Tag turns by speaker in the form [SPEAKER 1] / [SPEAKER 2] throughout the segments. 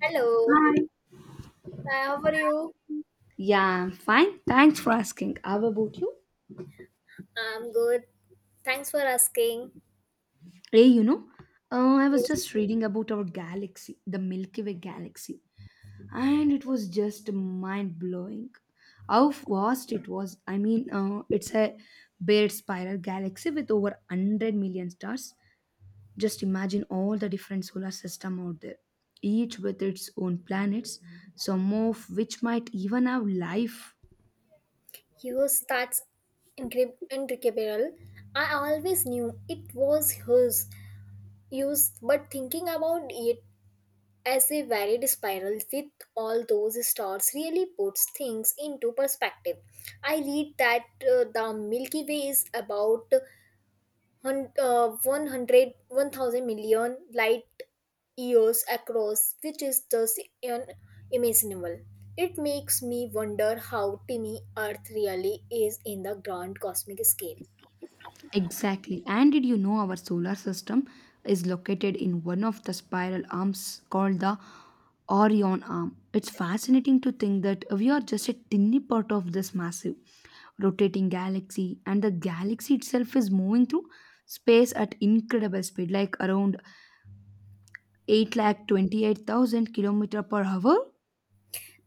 [SPEAKER 1] Hello,
[SPEAKER 2] Hi.
[SPEAKER 1] hi, how are you?
[SPEAKER 2] Yeah, I'm fine. Thanks for asking. How about you?
[SPEAKER 1] I'm good. Thanks for asking.
[SPEAKER 2] Hey, I was
[SPEAKER 1] Yes.
[SPEAKER 2] just reading about our galaxy, the Milky Way galaxy, and it was just mind blowing how vast it was. I mean, it's a bare spiral galaxy with over 100 million stars. Just imagine all the different solar system out there, each with its own planets, some of which might even have life.
[SPEAKER 1] Yours that's incredible. I always knew it was hers. Used, but thinking about it as a varied spiral with all those stars really puts things into perspective. I read that the Milky Way is about 100 1000 million light years across, which is thus unimaginable. It makes me wonder how tiny Earth really is in the grand cosmic scale.
[SPEAKER 2] Exactly. And did you know our solar system is located in one of the spiral arms called the Orion arm? It's fascinating to think that we are just a tiny part of this massive rotating galaxy, and the galaxy itself is moving through space at incredible speed, like around 828,000 kilometer per hour.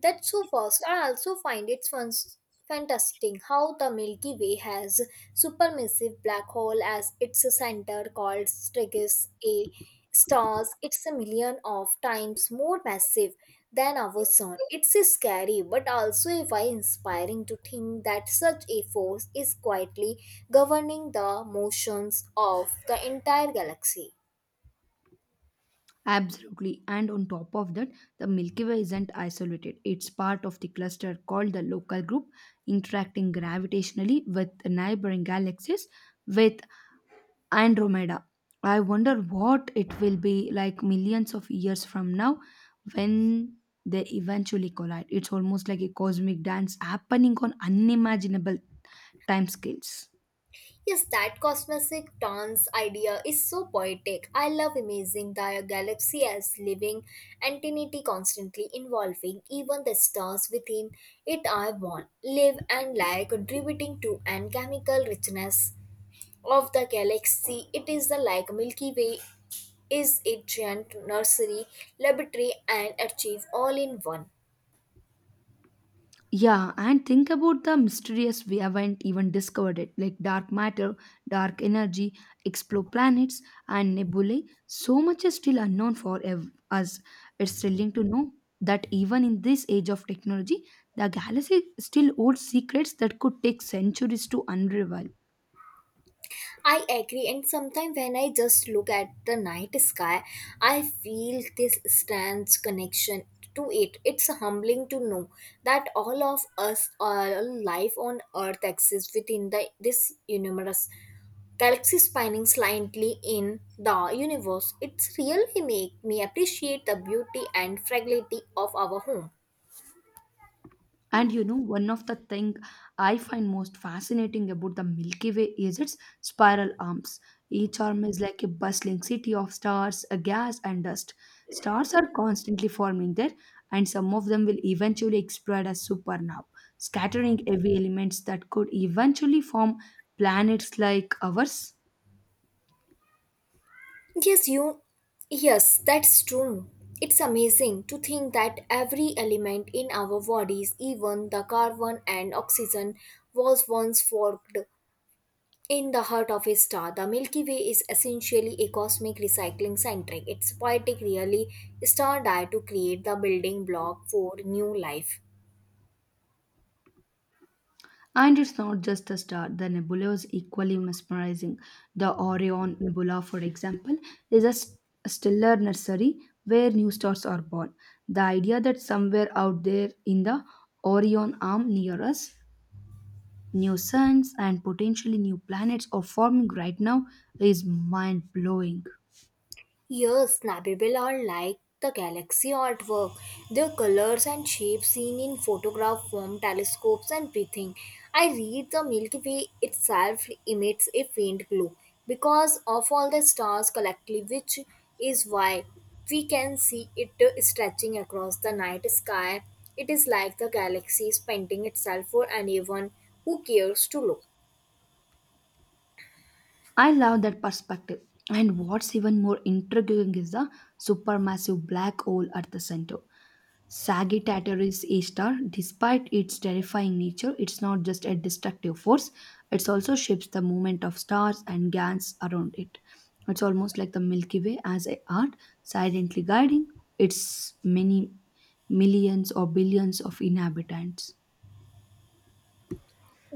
[SPEAKER 1] That's so fast. I also find it fantastic how the Milky Way has supermassive black hole as its center called Strigus A stars. It's a million of times more massive than our sun. It's scary but also a why inspiring to think that such a force is quietly governing the motions of the entire galaxy.
[SPEAKER 2] Absolutely. And on top of that, the Milky Way isn't isolated. It's part of the cluster called the local group, interacting gravitationally with neighboring galaxies with Andromeda. I wonder what it will be like millions of years from now when they eventually collide. It's almost like a cosmic dance happening on unimaginable timescales.
[SPEAKER 1] Yes, that cosmic dance idea is so poetic. I love imagining the galaxy as living entity constantly involving even the stars within it are born, live and lie, contributing to and chemical richness of the galaxy. It is the like Milky Way is a giant nursery, laboratory and achieve all in one.
[SPEAKER 2] Yeah, and think about the mysterious we haven't even discovered it, like dark matter, dark energy, exoplanets, and nebulae. So much is still unknown for us. It's thrilling to know that even in this age of technology, the galaxy still holds secrets that could take centuries to unravel.
[SPEAKER 1] I agree, and sometimes when I just look at the night sky, I feel this strange connection to it. It's humbling to know that all of us, all life on Earth, exists within the this universe. Galaxy spinning slightly in the universe. It's really make me appreciate the beauty and fragility of our home.
[SPEAKER 2] And one of the thing I find most fascinating about the Milky Way is its spiral arms. Each arm is like a bustling city of stars, gas, and dust. Stars are constantly forming there, and some of them will eventually explode as supernovae, scattering heavy elements that could eventually form planets like ours.
[SPEAKER 1] Yes, you. Yes, that's true. It's amazing to think that every element in our bodies, even the carbon and oxygen, was once forked in the heart of a star. The Milky Way is essentially a cosmic recycling center. It's poetic, really, star died to create the building block for new life.
[SPEAKER 2] And it's not just a star, the nebula is equally mesmerizing. The Orion Nebula, for example, is a stellar nursery where new stars are born. The idea that somewhere out there in the Orion arm near us, new suns and potentially new planets are forming right now is mind blowing.
[SPEAKER 1] Yes, Nabibil are like the galaxy artwork. Their colors and shapes seen in photograph form, telescopes, and breathing. I read the Milky Way itself emits a faint glow because of all the stars collectively, which is why we can see it stretching across the night sky. It is like the galaxy is painting itself for anyone who cares to look.
[SPEAKER 2] I love that perspective. And what's even more intriguing is the supermassive black hole at the center. Sagittarius A star, despite its terrifying nature, it's not just a destructive force, it also shapes the movement of stars and gas around it. It's almost like the Milky Way as a art, silently guiding its many millions or billions of inhabitants.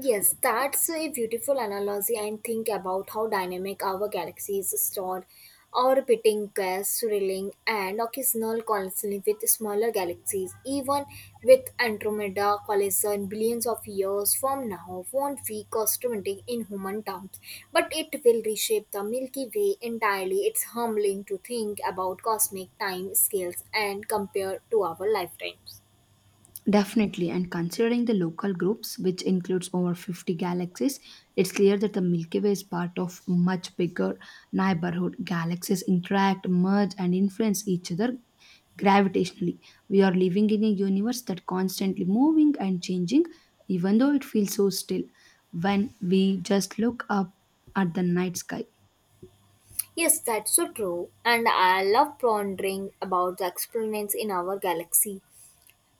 [SPEAKER 1] Yes, that's a beautiful analogy and think about how dynamic our galaxy is stored. Orbiting gas, swirling, and occasional collision with smaller galaxies, even with Andromeda collision billions of years from now, won't be catastrophic in human terms, but it will reshape the Milky Way entirely. It's humbling to think about cosmic time scales and compare to our lifetimes.
[SPEAKER 2] Definitely, and considering the local groups, which includes over 50 galaxies, it's clear that the Milky Way is part of much bigger neighborhood. Galaxies interact, merge, and influence each other gravitationally. We are living in a universe that constantly moving and changing, even though it feels so still when we just look up at the night sky.
[SPEAKER 1] Yes, that's so true. And I love pondering about the experiments in our galaxy.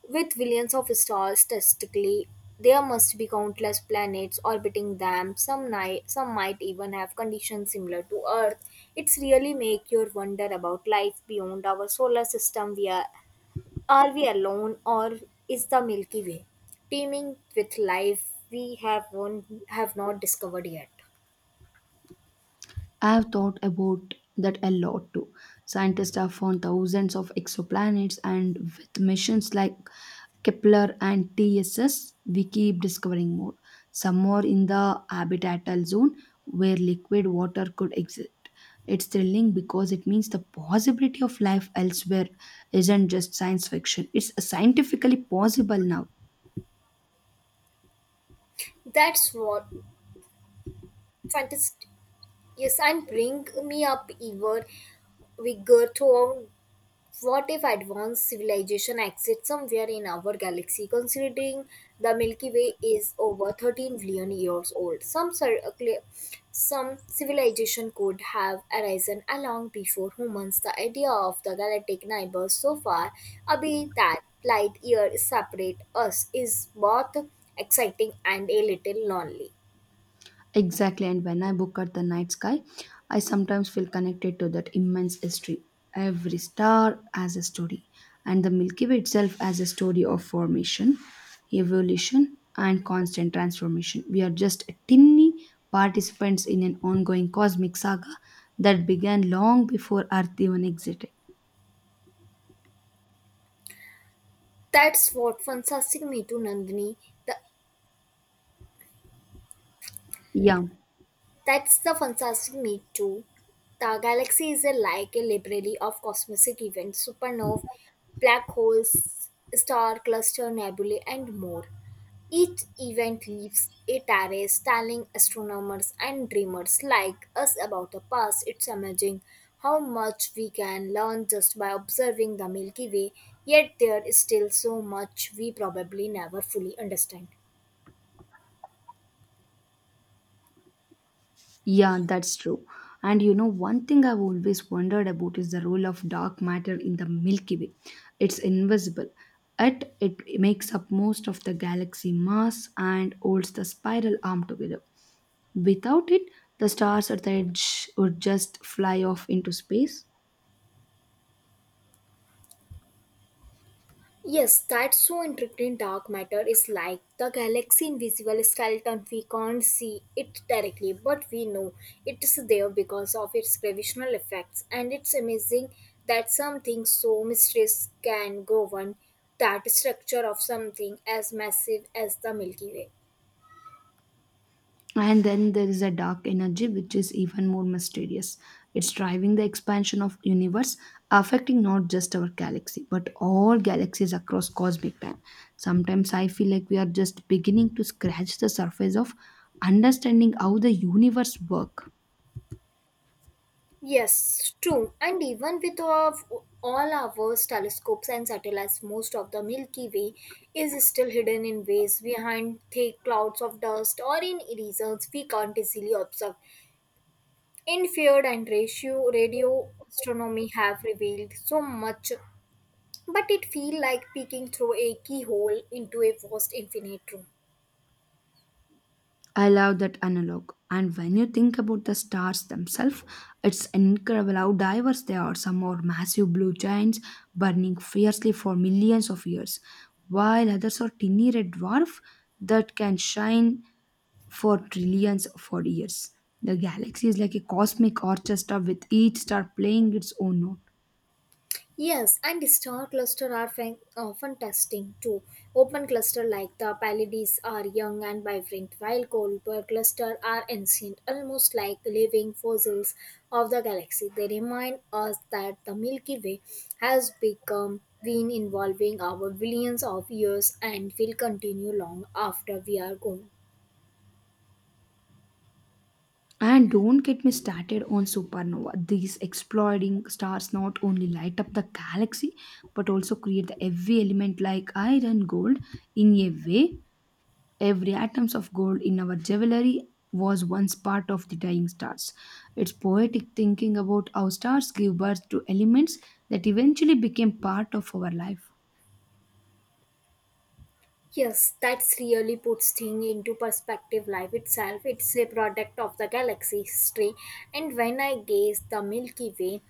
[SPEAKER 1] With billions of stars statistically, there must be countless planets orbiting them. Some night, some might even have conditions similar to Earth. It's really make you wonder about life beyond our solar system. Are we alone, or is the Milky Way teeming with life we have one, have not discovered yet?
[SPEAKER 2] I have thought about that a lot too. Scientists have found thousands of exoplanets, and with missions like Kepler and TSS, we keep discovering more. Some are in the habitable zone where liquid water could exist. It's thrilling because it means the possibility of life elsewhere isn't just science fiction, it's scientifically possible now.
[SPEAKER 1] That's what fantasy. Yes, and bring me up even bigger thought. What if advanced civilization exists somewhere in our galaxy? Considering the Milky Way is over 13 billion years old, some civilization could have arisen long before humans. The idea of the galactic neighbors so far away that light years separate us is both exciting and a little lonely.
[SPEAKER 2] Exactly, and when I book at the night sky, I sometimes feel connected to that immense history. Every star has a story, and the Milky Way itself has a story of formation, evolution, and constant transformation. We are just a tiny participants in an ongoing cosmic saga that began long before Earth even existed.
[SPEAKER 1] That's what fantastic me to Nandini. The.
[SPEAKER 2] Yeah.
[SPEAKER 1] That's the fantastic meat too. The galaxy is a, like a library of cosmic events, supernovae, black holes, star cluster, nebulae, and more. Each event leaves a trace, telling astronomers and dreamers like us about the past. It's amazing how much we can learn just by observing the Milky Way, yet there is still so much we probably never fully understand.
[SPEAKER 2] Yeah, that's true. And one thing I've always wondered about is the role of dark matter in the Milky Way. It's invisible, yet it makes up most of the galaxy mass and holds the spiral arm together. Without it, the stars at the edge would just fly off into space.
[SPEAKER 1] Yes, that's so intriguing. Dark matter is like the galaxy invisible skeleton. We can't see it directly, but we know it is there because of its gravitational effects. And it's amazing that something so mysterious can govern that structure of something as massive as the Milky Way.
[SPEAKER 2] And then there is a dark energy which is even more mysterious. It's driving the expansion of universe, affecting not just our galaxy, but all galaxies across cosmic time. Sometimes I feel like we are just beginning to scratch the surface of understanding how the universe work.
[SPEAKER 1] Yes, true. And even with of all our telescopes and satellites, most of the Milky Way is still hidden in ways behind thick clouds of dust or in regions we can't easily observe. In field and ratio, radio astronomy have revealed so much, but it feels like peeking through a keyhole into a vast infinite room.
[SPEAKER 2] I love that analog. And when you think about the stars themselves, it's incredible how diverse they are. Some are massive blue giants burning fiercely for millions of years, while others are tiny red dwarfs that can shine for trillions of years. The galaxy is like a cosmic orchestra with each star playing its own note.
[SPEAKER 1] Yes, and star cluster are often testing too. Open cluster like the Pleiades are young and vibrant, while Kuiper cluster are ancient, almost like living fossils of the galaxy. They remind us that the Milky Way has become been involving our billions of years and will continue long after we are gone.
[SPEAKER 2] And don't get me started on supernova. These exploding stars not only light up the galaxy but also create the heavy element like iron, gold. In a way, every atoms of gold in our jewelry was once part of the dying stars. It's poetic thinking about how stars give birth to elements that eventually became part of our life.
[SPEAKER 1] Yes, that's really puts thing into perspective. Life itself, it's a product of the galaxy history. And when I gaze the Milky Way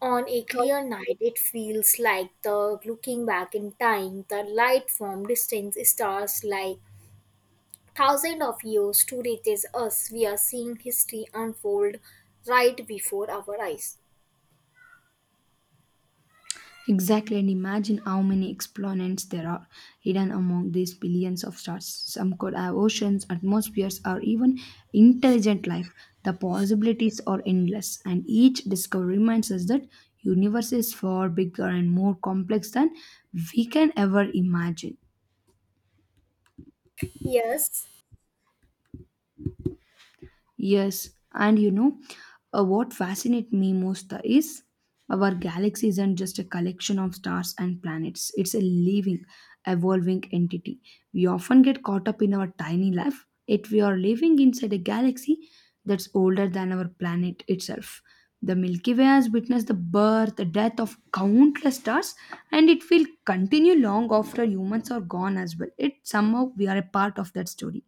[SPEAKER 1] on a clear night, it feels like the looking back in time. The light from distant stars like thousands of years to reaches us. We are seeing history unfold right before our eyes.
[SPEAKER 2] Exactly, and imagine how many exponents there are hidden among these billions of stars. Some could have oceans, atmospheres, or even intelligent life. The possibilities are endless, and each discovery reminds us that universe is far bigger and more complex than we can ever imagine.
[SPEAKER 1] Yes,
[SPEAKER 2] Yes, and what fascinates me most is our galaxy isn't just a collection of stars and planets, it's a living, evolving entity. We often get caught up in our tiny life, yet we are living inside a galaxy that's older than our planet itself. The Milky Way has witnessed the birth, the death of countless stars, and it will continue long after humans are gone as well. It somehow we are a part of that story,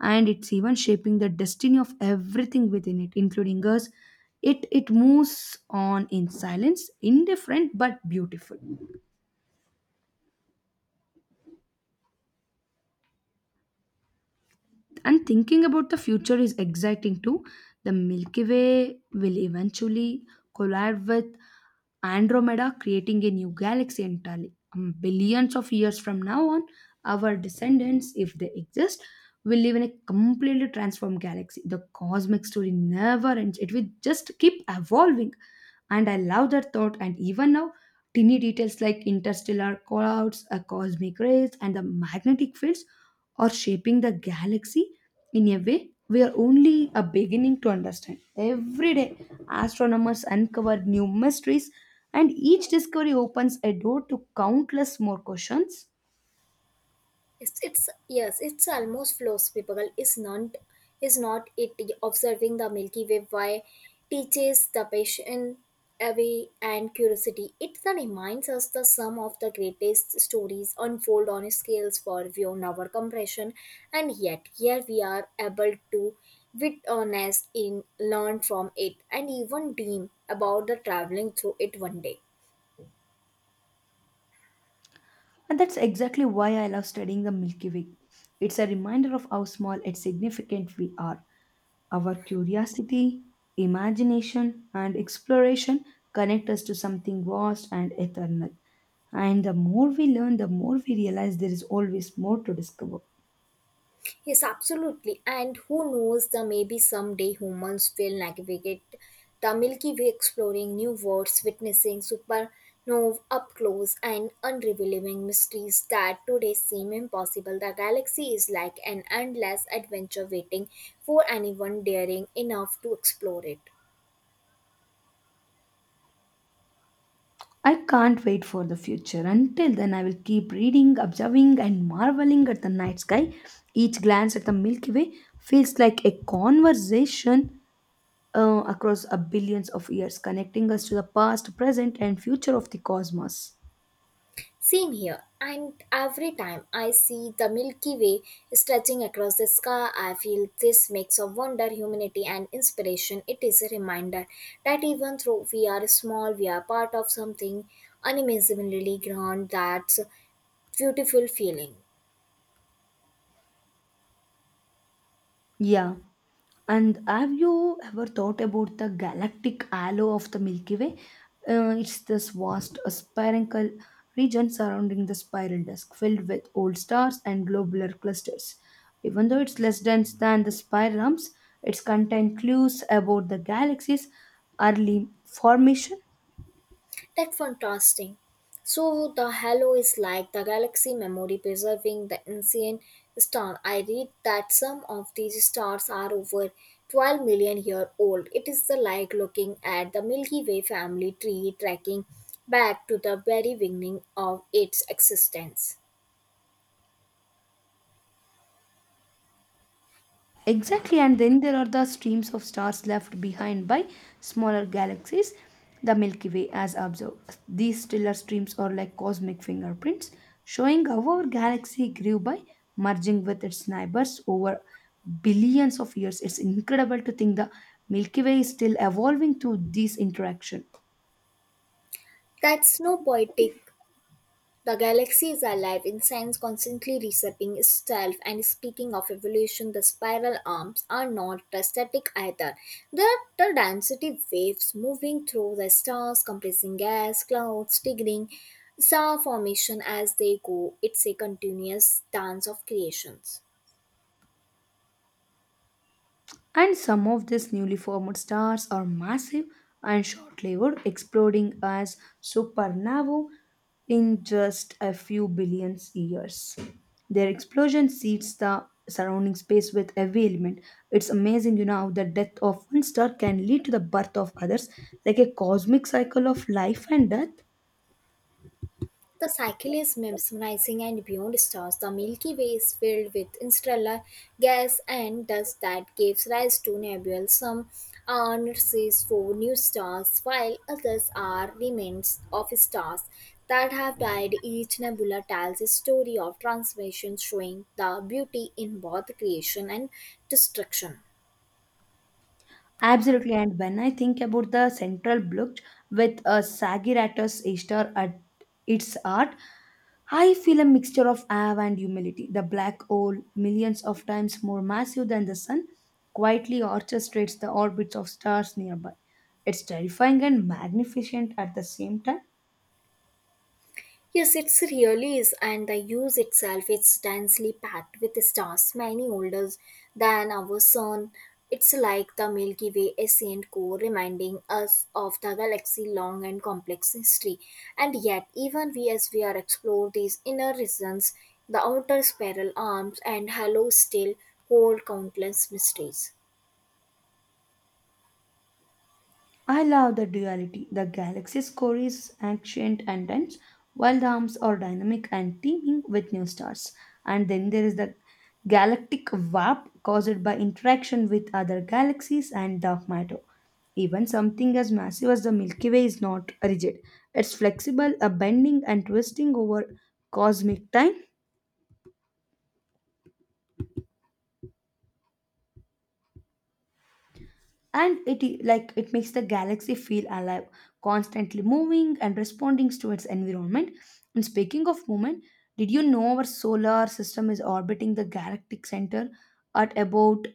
[SPEAKER 2] and it's even shaping the destiny of everything within it, including us. It moves on in silence, indifferent but beautiful. And thinking about the future is exciting too. The Milky Way will eventually collide with Andromeda, creating a new galaxy entirely. Billions of years from now on, our descendants, if they exist, will live in a completely transformed galaxy. The cosmic story never ends, it will just keep evolving. And I love that thought. And even now, teeny details like interstellar clouds, a cosmic rays, and the magnetic fields or shaping the galaxy in a way we are only a beginning to understand. Every day, astronomers uncover new mysteries, and each discovery opens a door to countless more questions.
[SPEAKER 1] it's yes it's almost philosophical is not it observing the milky way why teaches the patient away and curiosity it then reminds us the sum of the greatest stories unfold on scales for beyond our compression and yet here we are able to witness in learn from it and even dream about the traveling through it one day.
[SPEAKER 2] And that's exactly why I love studying the Milky Way. It's a reminder of how small and significant we are. Our curiosity, imagination, and exploration connect us to something vast and eternal. And the more we learn, the more we realize there is always more to discover.
[SPEAKER 1] Yes, absolutely. And who knows, the maybe someday humans will navigate the Milky Way, exploring new worlds, witnessing supernovae up close, and unrevealing mysteries that today seem impossible. The galaxy is like an endless adventure waiting for anyone daring enough to explore it.
[SPEAKER 2] I can't wait for the future. Until then, I will keep reading, observing, and marveling at the night sky. Each glance at the Milky Way feels like a conversation across a billions of years, connecting us to the past, present, and future of the cosmos.
[SPEAKER 1] Same here, and every time I see the Milky Way stretching across the sky, I feel this mix of wonder, humanity, and inspiration. It is a reminder that even though we are small, we are part of something unimaginably grand. That's a beautiful feeling.
[SPEAKER 2] Yeah. And have you ever thought about the galactic halo of the Milky Way? It's this vast spherical region surrounding the spiral disk, filled with old stars and globular clusters. Even though it's less dense than the spiral arms, it contains clues about the galaxy's early formation.
[SPEAKER 1] That contrasting. So the halo is like the galaxy memory preserving the ancient star. I read that some of these stars are over 12 million year old. It is the like looking at the Milky Way family tree tracking back to the very beginning of its existence.
[SPEAKER 2] Exactly, and then there are the streams of stars left behind by smaller galaxies, the Milky Way, as observed. These stellar streams are like cosmic fingerprints, showing how our galaxy grew by merging with its neighbors over billions of years. It's incredible to think the Milky Way is still evolving through this interaction.
[SPEAKER 1] That's no poetic. The galaxy is alive in science constantly reshaping itself and speaking of evolution, the spiral arms are not static either. They are the density waves moving through the stars, compressing gas, clouds, triggering star formation as they go. It's a continuous dance of creations.
[SPEAKER 2] And some of these newly formed stars are massive and short lived, exploding as supernovae in just a few billion years. Their explosion seeds the surrounding space with heavy element. It's amazing, how the death of one star can lead to the birth of others, like a cosmic cycle of life and death.
[SPEAKER 1] The cycle is mesmerizing and beyond stars. The Milky Way is filled with interstellar gas and dust that gives rise to nebulae. Some are nurseries for new stars, while others are remnants of stars that have died. Each nebula tells a story of transformation, showing the beauty in both creation and destruction.
[SPEAKER 2] Absolutely, and when I think about the central block with a Sagiratus Easter at its art, I feel a mixture of awe and humility. The black hole, millions of times more massive than the sun, quietly orchestrates the orbits of stars nearby. It's terrifying and magnificent at the same time.
[SPEAKER 1] Yes, it really is, and the use itself is densely packed with stars, many older than our sun. It's like the Milky Way ancient core, reminding us of the galaxy's long and complex history. And yet, even we as we are explore these inner regions, the outer spiral arms and halo still hold countless mysteries.
[SPEAKER 2] I love the duality. The galaxy's core is ancient and dense, while the arms are dynamic and teeming with new stars. And then there is the galactic warp caused by interaction with other galaxies and dark matter. Even something as massive as the Milky Way is not rigid, it's flexible, a bending and twisting over cosmic time. And like it makes the galaxy feel alive, constantly moving and responding to its environment. And speaking of movement, did you know our solar system is orbiting the galactic center at about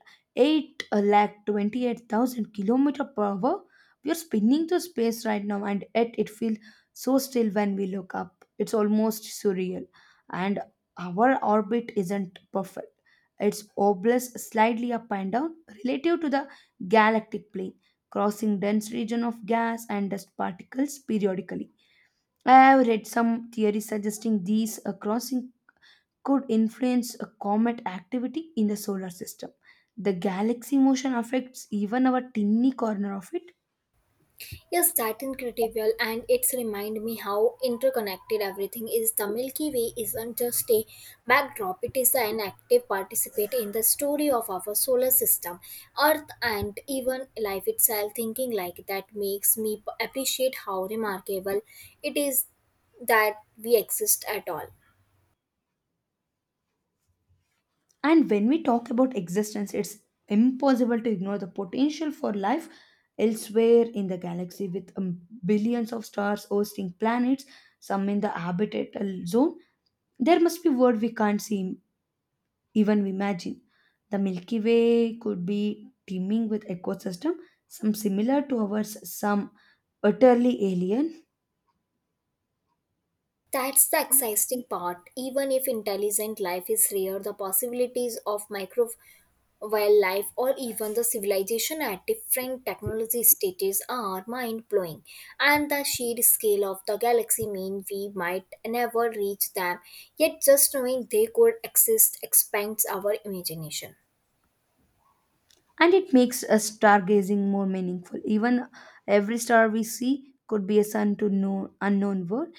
[SPEAKER 2] 828,000 kilometer per hour? We are spinning through space right now, and yet it feels so still when we look up. It's almost surreal. And our orbit isn't perfect, its obliques slightly up and down relative to the galactic plane, crossing dense region of gas and dust particles periodically. I have read some theories suggesting these crossing could influence a comet activity in the solar system. The galaxy motion affects even our tiny corner of it.
[SPEAKER 1] Yes, that incredible, and it's remind me how interconnected everything is. The Milky Way isn't just a backdrop; it is an active participant in the story of our solar system, Earth, and even life itself. Thinking like that makes me appreciate how remarkable it is that we exist at all.
[SPEAKER 2] And when we talk about existence, it's impossible to ignore the potential for life elsewhere in the galaxy with billions of stars hosting planets, some in the habitable zone. There must be world we can't see, even imagine the Milky Way could be teeming with ecosystem, some similar to ours, some utterly alien.
[SPEAKER 1] That's the exciting part. Even if intelligent life is rare, the possibilities of micro wildlife or even the civilization at different technology stages are mind blowing. And the sheer scale of the galaxy means we might never reach them. Yet just knowing they could exist expands our imagination.
[SPEAKER 2] And it makes a stargazing more meaningful. Even every star we see could be a sun to no unknown world.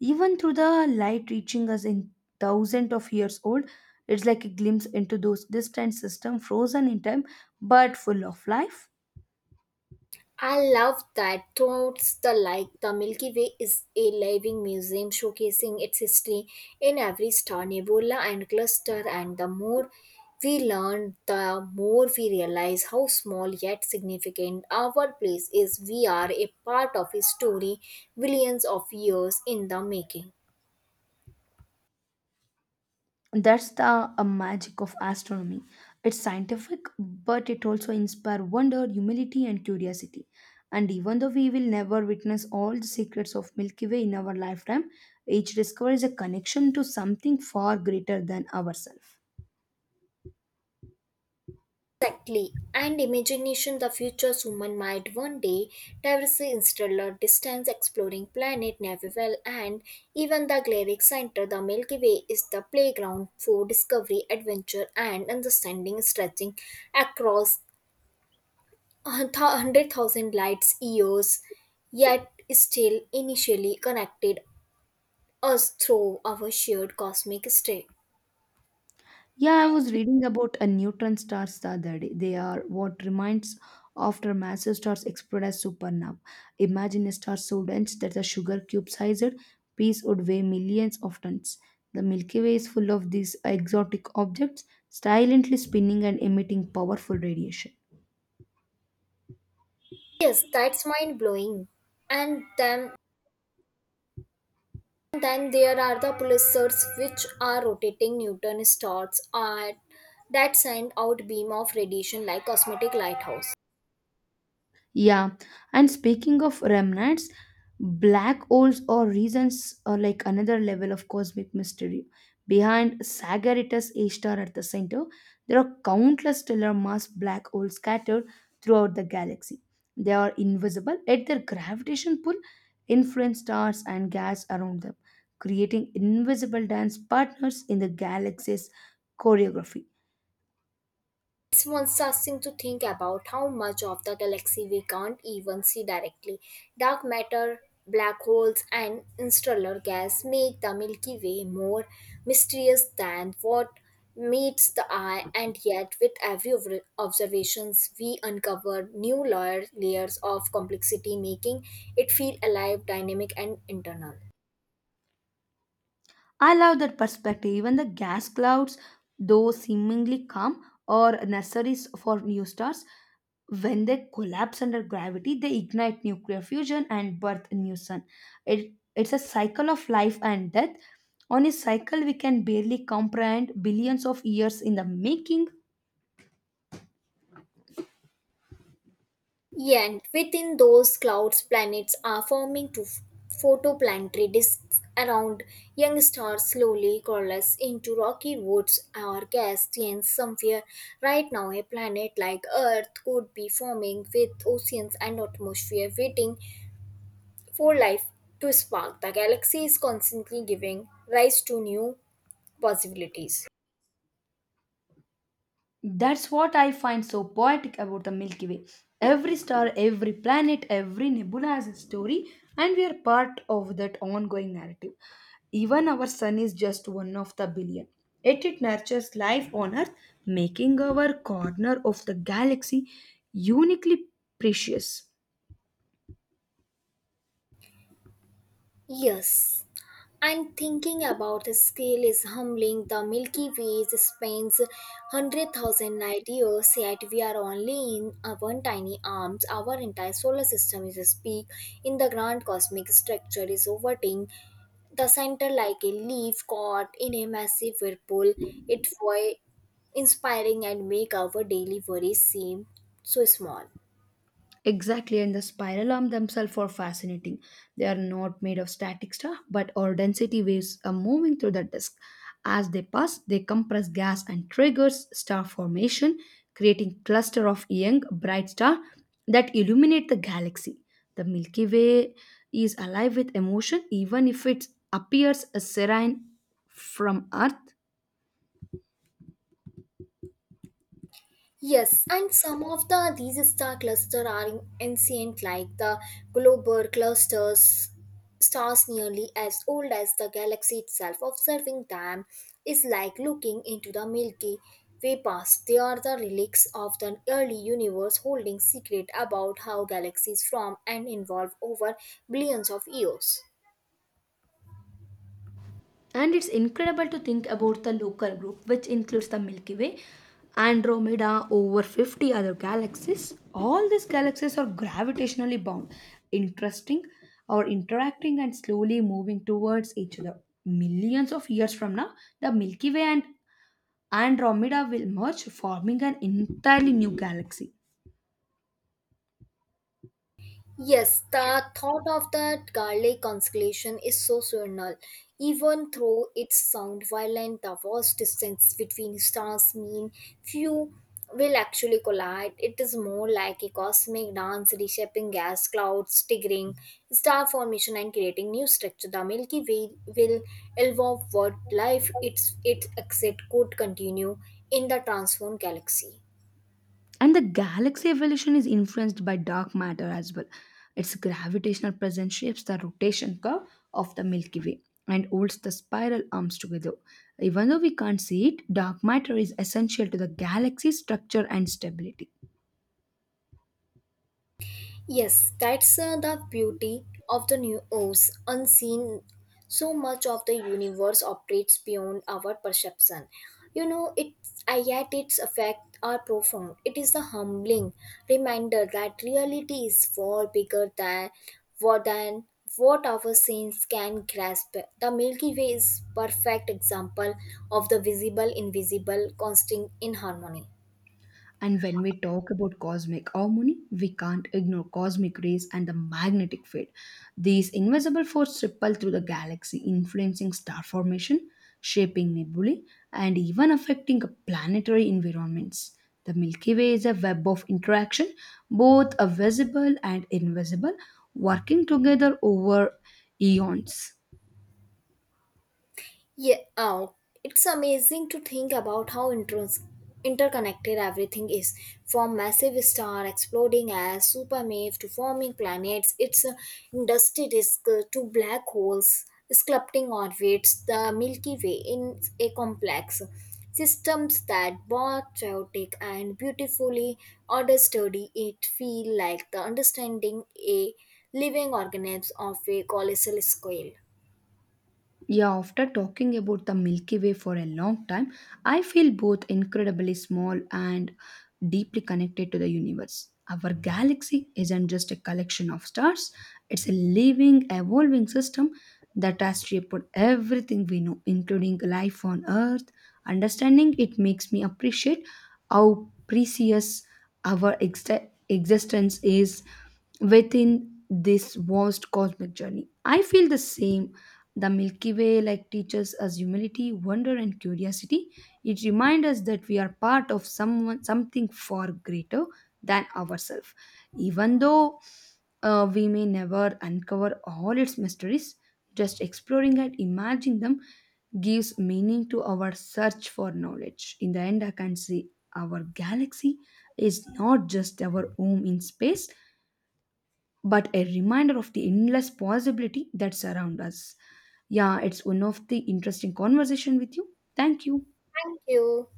[SPEAKER 2] Even through the light reaching us in thousands of years old, it's like a glimpse into those distant systems frozen in time but full of life.
[SPEAKER 1] I love that thoughts the light, the Milky Way is a living museum showcasing its history in every star, nebula and cluster and the more we learn the more we realize how small yet significant our place is we are a part of a story billions of years in the making.
[SPEAKER 2] That's the magic of astronomy. It's scientific but it also inspires wonder, humility and curiosity, and even though we will never witness all the secrets of Milky Way in our lifetime, each discovery is a connection to something far greater than ourselves.
[SPEAKER 1] Exactly, and imagination the future's human might one day traverse interstellar distance exploring planet Nebuvel and even the galactic center the Milky Way is the playground for discovery, adventure and understanding stretching across 100,000 light years yet still initially connected us through our shared cosmic stray.
[SPEAKER 2] Yeah, I was reading about a neutron stars the other day. They are what remains after massive stars explode as supernova. Imagine a star so dense that a sugar cube sized piece would weigh millions of tons. The Milky Way is full of these exotic objects silently spinning and emitting powerful radiation.
[SPEAKER 1] Yes, that's mind blowing. And then there are the pulsars which are rotating neutron stars at that send out beam of radiation like cosmetic lighthouse.
[SPEAKER 2] Yeah, and speaking of remnants, black holes or reasons are like another level of cosmic mystery. Behind Sagittarius A star at the center, there are countless stellar mass black holes scattered throughout the galaxy. They are invisible, yet their gravitation pull influence stars and gas around them, creating invisible dance partners in the galaxy's choreography.
[SPEAKER 1] It's disgusting to think about how much of the galaxy we can't even see directly. Dark matter, black holes, and interstellar gas make the Milky Way more mysterious than what meets the eye, and yet, with every observations, we uncover new layers of complexity, making it feel alive, dynamic, and internal.
[SPEAKER 2] I love that perspective. Even the gas clouds, though seemingly calm, are nurseries for new stars. When they collapse under gravity, they ignite nuclear fusion and birth a new sun. It's a cycle of life and death. On a cycle we can barely comprehend, billions of years in the making.
[SPEAKER 1] Yeah, and within those clouds, planets are forming to photoplanetary disks around young stars slowly coalesce into rocky woods or gas giants somewhere. Right now, a planet like Earth could be forming with oceans and atmosphere waiting for life to spark. The galaxy is constantly giving rise to new possibilities.
[SPEAKER 2] That's what I find so poetic about the Milky Way. Every star, every planet, every nebula has a story, and we are part of that ongoing narrative. Even our sun is just one of the billion. Yet it nurtures life on Earth, making our corner of the galaxy uniquely precious.
[SPEAKER 1] Yes, and thinking about his scale is humbling. The Milky Way spans 100,000 light years, yet we are only in a one tiny arms. Our entire solar system is a peak in the grand cosmic structure is orbiting the center like a leaf caught in a massive whirlpool. It was inspiring and make our daily worries seem so small.
[SPEAKER 2] Exactly, and the spiral arm themselves are fascinating. They are not made of static stuff, but our density waves are moving through the disk. As they pass, they compress gas and triggers star formation, creating cluster of young bright star that illuminate the galaxy. The Milky Way is alive with emotion, even if it appears as serene from Earth.
[SPEAKER 1] Yes, and some of the these star clusters are ancient, like the Globular clusters, stars nearly as old as the galaxy itself. Observing them is like looking into the Milky Way past. They are the relics of the early universe, holding secret about how galaxies formed and evolved over billions of years.
[SPEAKER 2] And it's incredible to think about the local group, which includes the Milky Way, Andromeda, over 50 other galaxies. All these galaxies are gravitationally bound, interesting or interacting and slowly moving towards each other. Millions of years from now, the Milky Way and Andromeda will merge, forming an entirely new galaxy.
[SPEAKER 1] Yes, the thought of that garlic constellation is so surreal. Even though its sound violent, the vast distance between stars mean few will actually collide. It is more like a cosmic dance reshaping gas clouds, triggering star formation and creating new structure. The Milky Way will evolve what life its exit could continue in the transformed galaxy.
[SPEAKER 2] And the galaxy evolution is influenced by dark matter as well. Its gravitational presence shapes the rotation curve of the Milky Way and holds the spiral arms together. Even though we can't see it, dark matter is essential to the galaxy's structure and stability.
[SPEAKER 1] Yes, that's the beauty of the new Oz, unseen. So much of the universe operates beyond our perception. You know, it yet its effects are profound. It is a humbling reminder that reality is far bigger than what our senses can grasp. The Milky Way is perfect example of the visible invisible constant in harmony.
[SPEAKER 2] And when we talk about cosmic harmony, we can't ignore cosmic rays and the magnetic field. These invisible forces ripple through the galaxy, influencing star formation, shaping nebulae, and even affecting planetary environments. The Milky Way is a web of interaction, both a visible and invisible, working together over eons.
[SPEAKER 1] Yeah, oh, it's amazing to think about how interconnected everything is. From massive star exploding as supermassive to forming planets, its dusty disk to black holes sculpting orbits, the Milky Way in a complex systems that both chaotic and beautifully order study it feel like the understanding a living organism of a colossal scale.
[SPEAKER 2] Yeah, after talking about the Milky Way for a long time, I feel both incredibly small and deeply connected to the universe. Our galaxy isn't just a collection of stars, it's a living, evolving system that has shaped everything we know, including life on Earth. Understanding it makes me appreciate how precious our ex- existence is within this vast cosmic journey. I feel the same, the Milky Way like teaches us humility, wonder and curiosity. It reminds us that we are part of someone something far greater than ourselves. Even though we may never uncover all its mysteries, just exploring and imagining them gives meaning to our search for knowledge. In the end, I can say our galaxy is not just our home in space but a reminder of the endless possibility that surround us. Yeah, it's one of the interesting conversation with you. Thank you.
[SPEAKER 1] Thank you.